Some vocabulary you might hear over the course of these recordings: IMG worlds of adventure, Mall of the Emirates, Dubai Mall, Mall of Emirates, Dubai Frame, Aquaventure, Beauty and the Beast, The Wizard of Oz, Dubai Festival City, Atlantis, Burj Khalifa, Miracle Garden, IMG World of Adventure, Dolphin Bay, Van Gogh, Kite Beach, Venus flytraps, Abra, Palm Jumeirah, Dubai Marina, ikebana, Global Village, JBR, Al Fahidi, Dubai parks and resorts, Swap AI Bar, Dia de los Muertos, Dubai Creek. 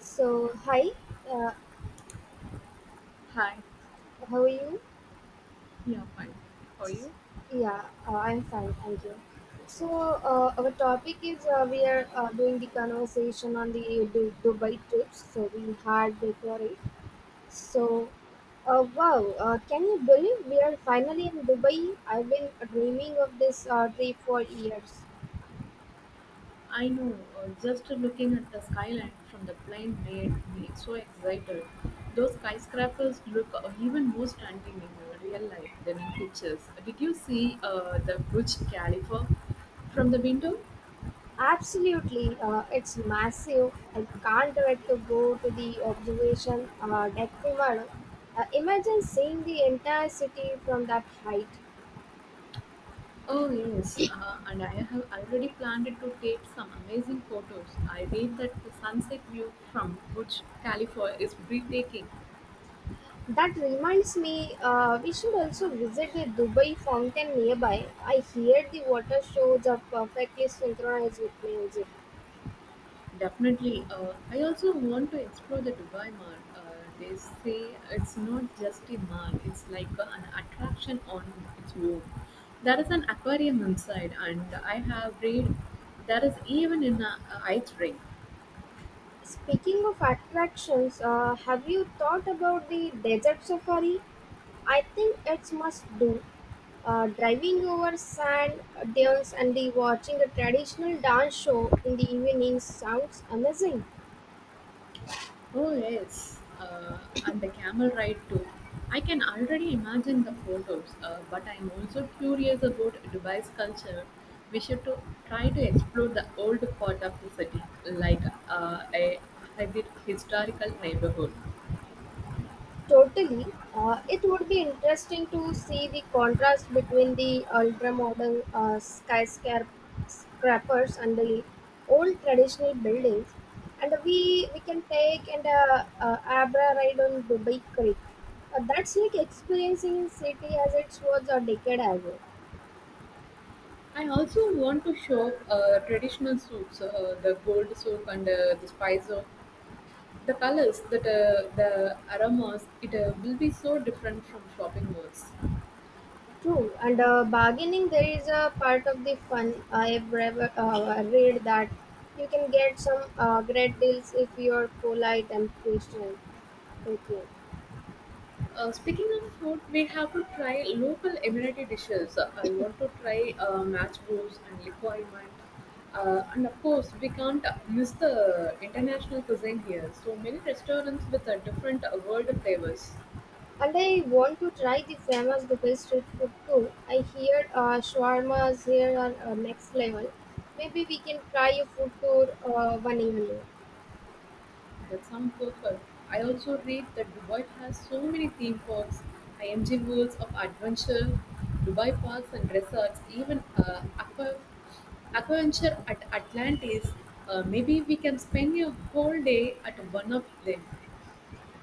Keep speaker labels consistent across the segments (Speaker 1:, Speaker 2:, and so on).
Speaker 1: So, hi, uh,
Speaker 2: Hi,
Speaker 1: how are you?
Speaker 2: yeah, fine. How are you?
Speaker 1: Yeah, I'm fine, thank you. So, our topic is we are doing the conversation on the Dubai trips. So, we had before it. So, wow, can you believe we are finally in Dubai? I've been dreaming of this trip for years.
Speaker 2: I know, just looking at the skyline from the plane made me so excited. Those skyscrapers look even more stunning in real life than in pictures. Did you see the Burj Khalifa from the window?
Speaker 1: Absolutely, it's massive. I can't wait to go to the observation deck tomorrow. Imagine seeing the entire city from that height.
Speaker 2: Oh, yes. And I have already planned to take some amazing photos. I read that the sunset view from Burj Khalifa is breathtaking.
Speaker 1: That reminds me, we should also visit the Dubai fountain nearby. I hear the water shows are perfectly synchronized with music.
Speaker 2: Definitely. I also want to explore the Dubai Mall. They say it's not just a mall, it's like an attraction on its own. There is an aquarium inside, and I have read there is even an ice rink.
Speaker 1: Speaking of attractions, have you thought about the desert safari? I think it's must do. Driving over sand dunes and the watching a traditional dance show in the evening sounds amazing.
Speaker 2: Oh yes, and the camel ride too. I can already imagine the photos, but I'm also curious about Dubai's culture. We should to try to explore the old part of the city, like a hybrid historical neighborhood.
Speaker 1: Totally. It would be interesting to see the contrast between the ultra-modern skyscrapers and the old traditional buildings. And we can take an Abra ride on Dubai Creek. That's like experiencing city as it was a decade ago.
Speaker 2: I also want to shop traditional souks, the gold souk and the spice souk. The colors, that the aromas, it will be so different from shopping malls.
Speaker 1: True, and bargaining there is a part of the fun. I've read that you can get some great deals if you're polite and patient. With patient.
Speaker 2: Speaking of food, we have to try local Emirati dishes. I want to try matchbox and liquorment. And of course, we can't miss the international cuisine here. So many restaurants with different world flavors.
Speaker 1: And I want to try the famous Dubai street food too. I hear shawarmas here are next level. Maybe we can try a food tour one evening.
Speaker 2: That's sounds perfect. I also read that Dubai has so many theme parks, IMG worlds of adventure, Dubai parks and resorts, even aquaventure at Atlantis. Maybe we can spend a whole day at one of them.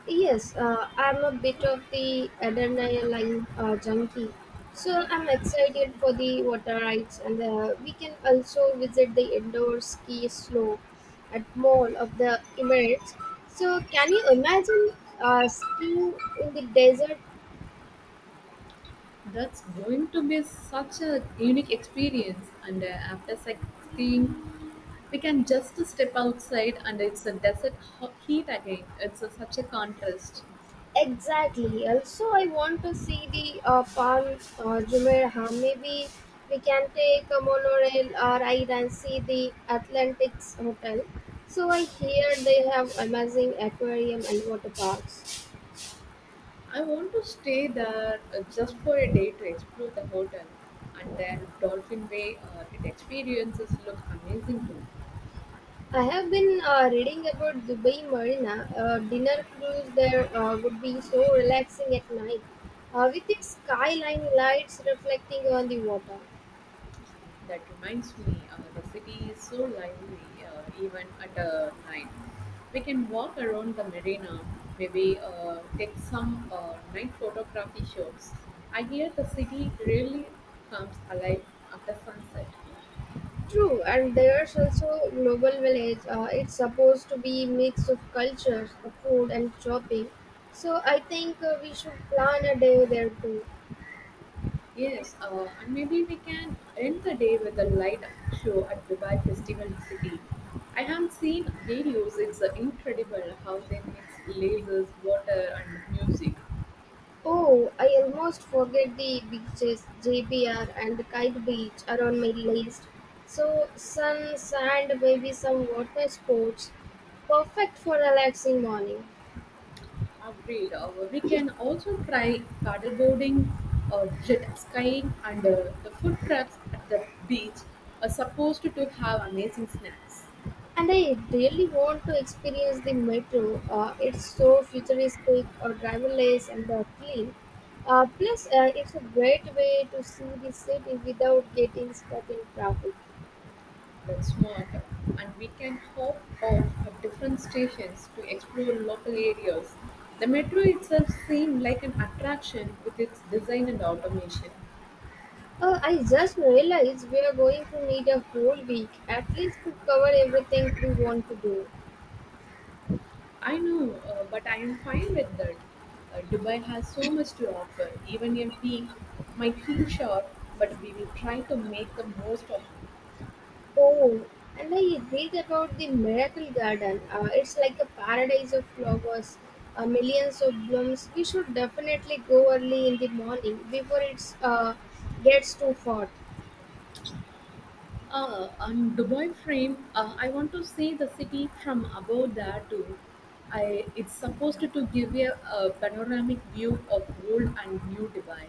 Speaker 1: Yes, I'm a bit of the adrenaline junkie. So I'm excited for the water rides and we can also visit the indoor ski slope at Mall of the Emirates. So can you imagine skiing in the desert.
Speaker 2: That's going to be such a unique experience. And after sightseeing, we can just step outside and it's a desert heat again. It's a, such a contrast.
Speaker 1: Exactly. Also, I want to see the Palm Jumeirah. Maybe we can take a monorail or I can see the Atlantic's Hotel. So I hear they have amazing aquarium and water parks.
Speaker 2: I want to stay there just for a day to explore the hotel, and their dolphin Bay. It experiences look amazing too.
Speaker 1: I have been reading about Dubai Marina. Dinner cruise there would be so relaxing at night, with the skyline lights reflecting on the water.
Speaker 2: That reminds me, the city is so lively even at night. We can walk around the marina, maybe take some night photography shots. I hear the city really comes alive after sunset.
Speaker 1: True, and there's also Global Village. It's supposed to be mix of cultures, food and shopping. So I think we should plan a day there too.
Speaker 2: Yes, and maybe we can end the day with a light show at Dubai Festival City. I have seen videos, it's incredible how they mix lasers, water, and music.
Speaker 1: Oh, I almost forget the beaches, JBR and Kite Beach are on my list. So sun, sand, maybe some water sports. Perfect for relaxing morning.
Speaker 2: Agreed. We can also try paddleboarding, jet skiing, and the food trucks at the beach are supposed to have amazing snacks.
Speaker 1: And I really want to experience the metro. It's so futuristic, or driverless, and clean. Plus, it's a great way to see the city without getting stuck in traffic.
Speaker 2: That's smart. And we can hop off at different stations to explore local areas. The metro itself seemed like an attraction with its design and automation.
Speaker 1: I just realized we are going to need a whole week at least to cover everything we want to do.
Speaker 2: I know, but I am fine with that. Dubai has so much to offer. Even a week might feel short, but we will try to make the most of.
Speaker 1: Oh, and I read about the Miracle Garden. It's like a paradise of flowers, millions of blooms. We should definitely go early in the morning before it's gets too hot.
Speaker 2: And Dubai frame, I want to see the city from above there too. It's supposed to give a panoramic view of old and new Dubai.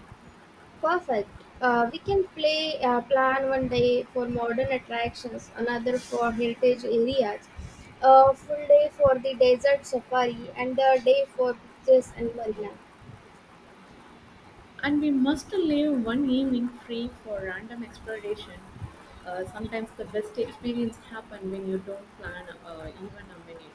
Speaker 1: Perfect. We can play plan one day for modern attractions, another for heritage areas, a full day for the desert safari, and a day for beaches and marina.
Speaker 2: And we must leave one evening free for random exploration. Sometimes the best experience happen when you don't plan even a minute.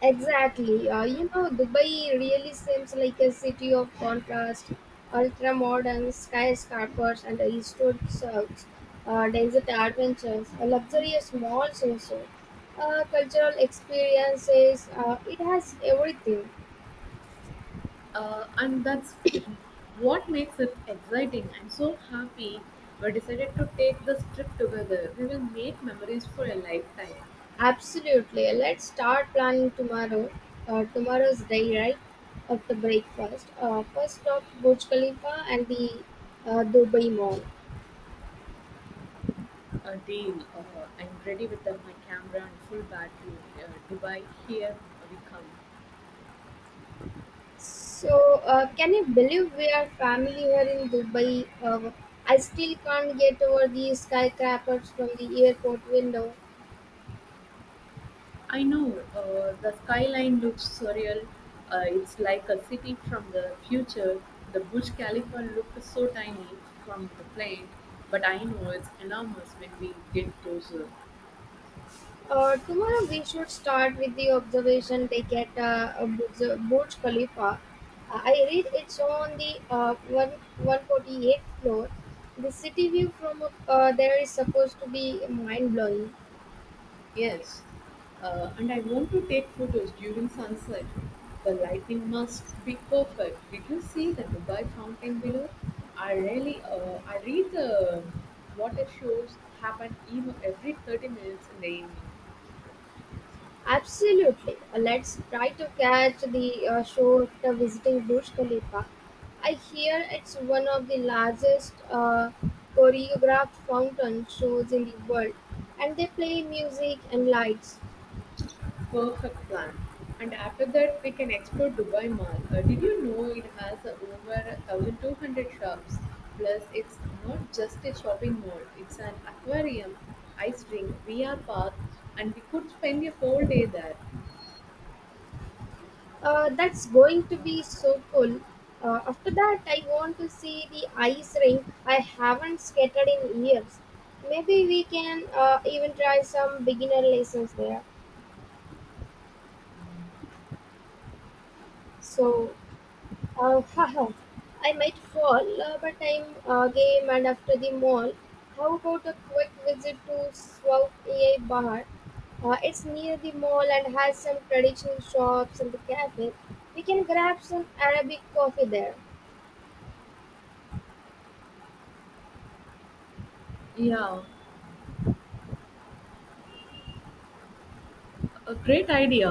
Speaker 1: Exactly. You know, Dubai really seems like a city of contrast, ultra modern skyscrapers and historic search, desert adventures, a luxurious malls also, cultural experiences. It has everything.
Speaker 2: And that's what makes it exciting. I'm so happy we decided to take this trip together. We will make memories for a lifetime.
Speaker 1: Absolutely. Let's start planning tomorrow. Tomorrow's day, right? After breakfast. First stop Burj Khalifa and the Dubai Mall.
Speaker 2: A deal. I'm ready without my camera and full battery. Dubai, here we come.
Speaker 1: So, can you believe we are family here in Dubai? I still can't get over these skyscrapers from the airport window.
Speaker 2: I know. The skyline looks surreal. It's like a city from the future. The Burj Khalifa looked so tiny from the plane, but I know it's enormous when we get closer.
Speaker 1: Tomorrow we should start with the observation deck at Burj Khalifa. I read it's on the 148th floor. The city view from up, there is supposed to be mind blowing.
Speaker 2: Yes, and I want to take photos during sunset. The lighting must be perfect. Did you see the Dubai fountain below? I read the water shows happen even every 30 minutes in the evening.
Speaker 1: Absolutely. Let's try to catch the show after visiting Burj Khalifa. I hear it's one of the largest choreographed fountain shows in the world, and they play music and lights.
Speaker 2: Perfect plan. And after that, we can explore Dubai Mall. Did you know it has over 1200 shops? Plus, it's not just a shopping mall, it's an aquarium, ice rink, VR park, and we could spend a whole day there.
Speaker 1: That's going to be so cool. After that, I want to see the ice rink I haven't skated in years. Maybe we can even try some beginner lessons there. So, haha. I might fall, but I'm game and after the mall. How about a quick visit to Swap AI Bar? It's near the mall and has some traditional shops and a cafe. We can grab some Arabic coffee there.
Speaker 2: Yeah, a great idea.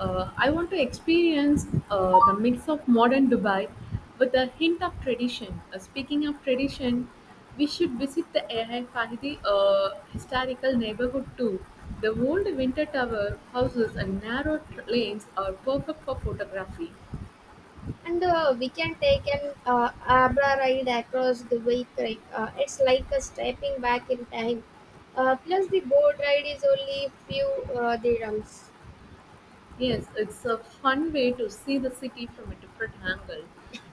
Speaker 2: I want to experience the mix of modern Dubai with a hint of tradition. Speaking of tradition, we should visit the Al Fahidi historical neighborhood too. The old winter tower houses and narrow lanes are perfect for photography.
Speaker 1: And we can take an Abra ride across the way creek. It's like a stepping back in time. Plus, the boat ride is only few dirhams.
Speaker 2: Yes, it's a fun way to see the city from a different angle.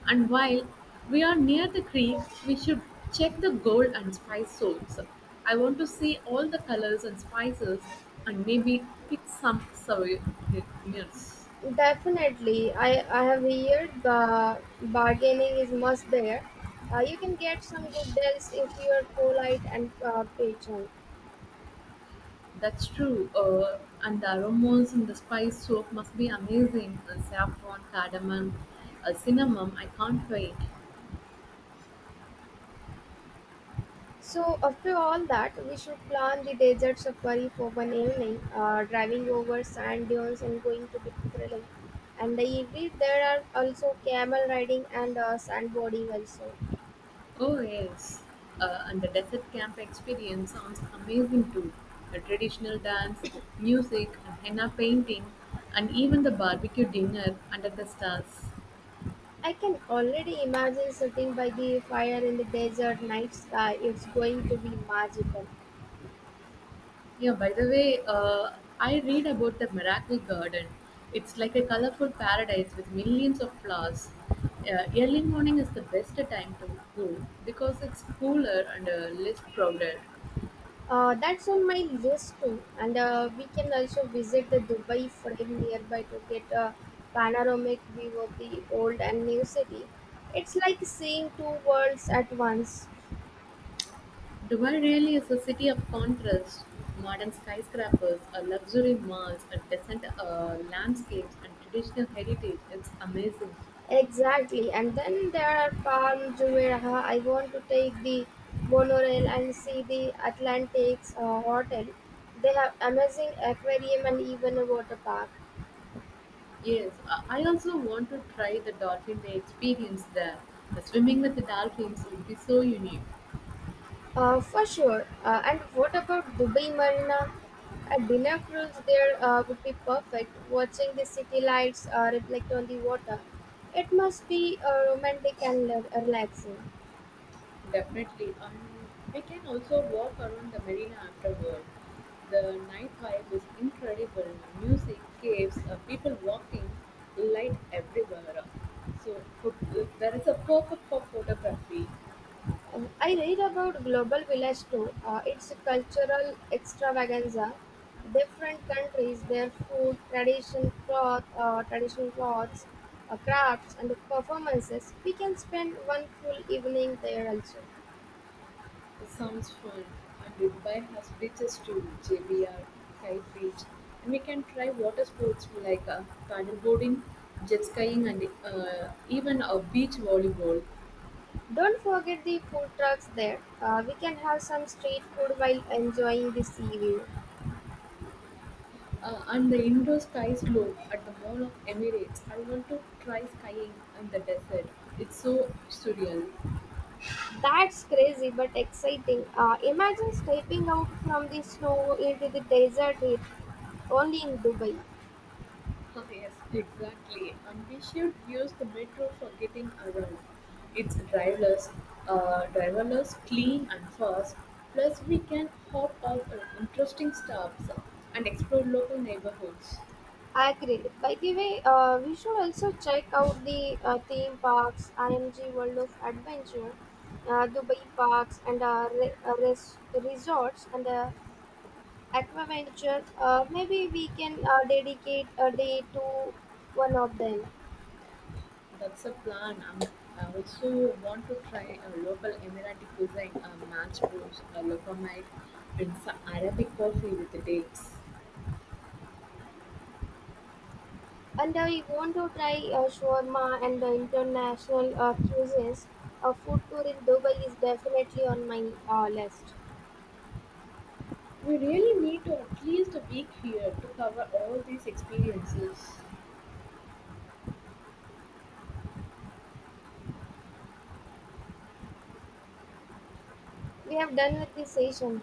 Speaker 2: And while we are near the creek, we should check the gold and spice soaps. I want to see all the colors and spices and maybe pick some souvenirs.
Speaker 1: Definitely, I have heard bargaining is must there. You can get some good deals if you are polite and patient.
Speaker 2: That's true. And the aromas in the spice soap must be amazing. Saffron, cardamom, cinnamon. I can't wait.
Speaker 1: So after all that, we should plan the desert safari for one evening. Driving over sand dunes and going to be thrilling. And I read there are also camel riding and sandboarding also.
Speaker 2: Oh yes, and the desert camp experience sounds amazing too. The traditional dance, music, and henna painting, and even the barbecue dinner under the stars.
Speaker 1: I can already imagine sitting by the fire in the desert night sky. It's going to be magical.
Speaker 2: Yeah, by the way, I read about the miracle garden. It's like a colorful paradise with millions of flowers. Early morning is the best time to go because it's cooler and less crowded.
Speaker 1: That's on my list too. And we can also visit the Dubai Frame nearby to get a panoramic view of the old and new city. It's like seeing two worlds at once.
Speaker 2: Dubai really is a city of contrast: modern skyscrapers, luxury malls, decent landscapes, and traditional heritage. It's amazing.
Speaker 1: Exactly. And then there are Palm Jumeirah. I want to take the monorail and see the Atlantic's hotel. They have amazing aquarium and even a water park.
Speaker 2: Yes, I also want to try the dolphin day experience there. The swimming with the dolphins would be so unique.
Speaker 1: For sure. And what about Dubai Marina? A dinner cruise there would be perfect. Watching the city lights reflect on the water, it must be romantic and relaxing.
Speaker 2: Definitely. We can also walk around the marina afterward. The night vibe is incredible. Music, caves, people walking, light everywhere. So pho- that is a perfect for photography.
Speaker 1: I read about Global Village too. It's a cultural extravaganza. Different countries, their food, tradition, cloth, traditional clothes, crafts, and performances. We can spend one full evening there also.
Speaker 2: It sounds fun. And Dubai has beaches too, JBR, Kite Beach. And we can try water sports like paddleboarding, jet skiing, and even a beach volleyball.
Speaker 1: Don't forget the food trucks there. We can have some street food while enjoying the sea view.
Speaker 2: And the indoor sky slope at the Mall of Emirates. I want to try skying in the desert. It's so surreal.
Speaker 1: That's crazy but exciting. Imagine stepping out from the snow into the desert heat only in Dubai.
Speaker 2: yes, exactly. And we should use the metro for getting around. It's driverless, clean and fast. Plus, we can hop off at interesting stops and explore local neighborhoods.
Speaker 1: Agreed. By the way, we should also check out the theme parks, IMG World of Adventure, Dubai parks, and resorts and Aquaventure. Maybe we can dedicate a day to one of them.
Speaker 2: That's a plan. And I also want to try a local Emirati cuisine, a match brews, a lokomite, and some Arabic coffee with the dates.
Speaker 1: And I want to try shawarma and the international cuisines. A food tour in Dubai is definitely on my list.
Speaker 2: We really need to at least a week here to cover all these experiences.
Speaker 1: We have done with this session.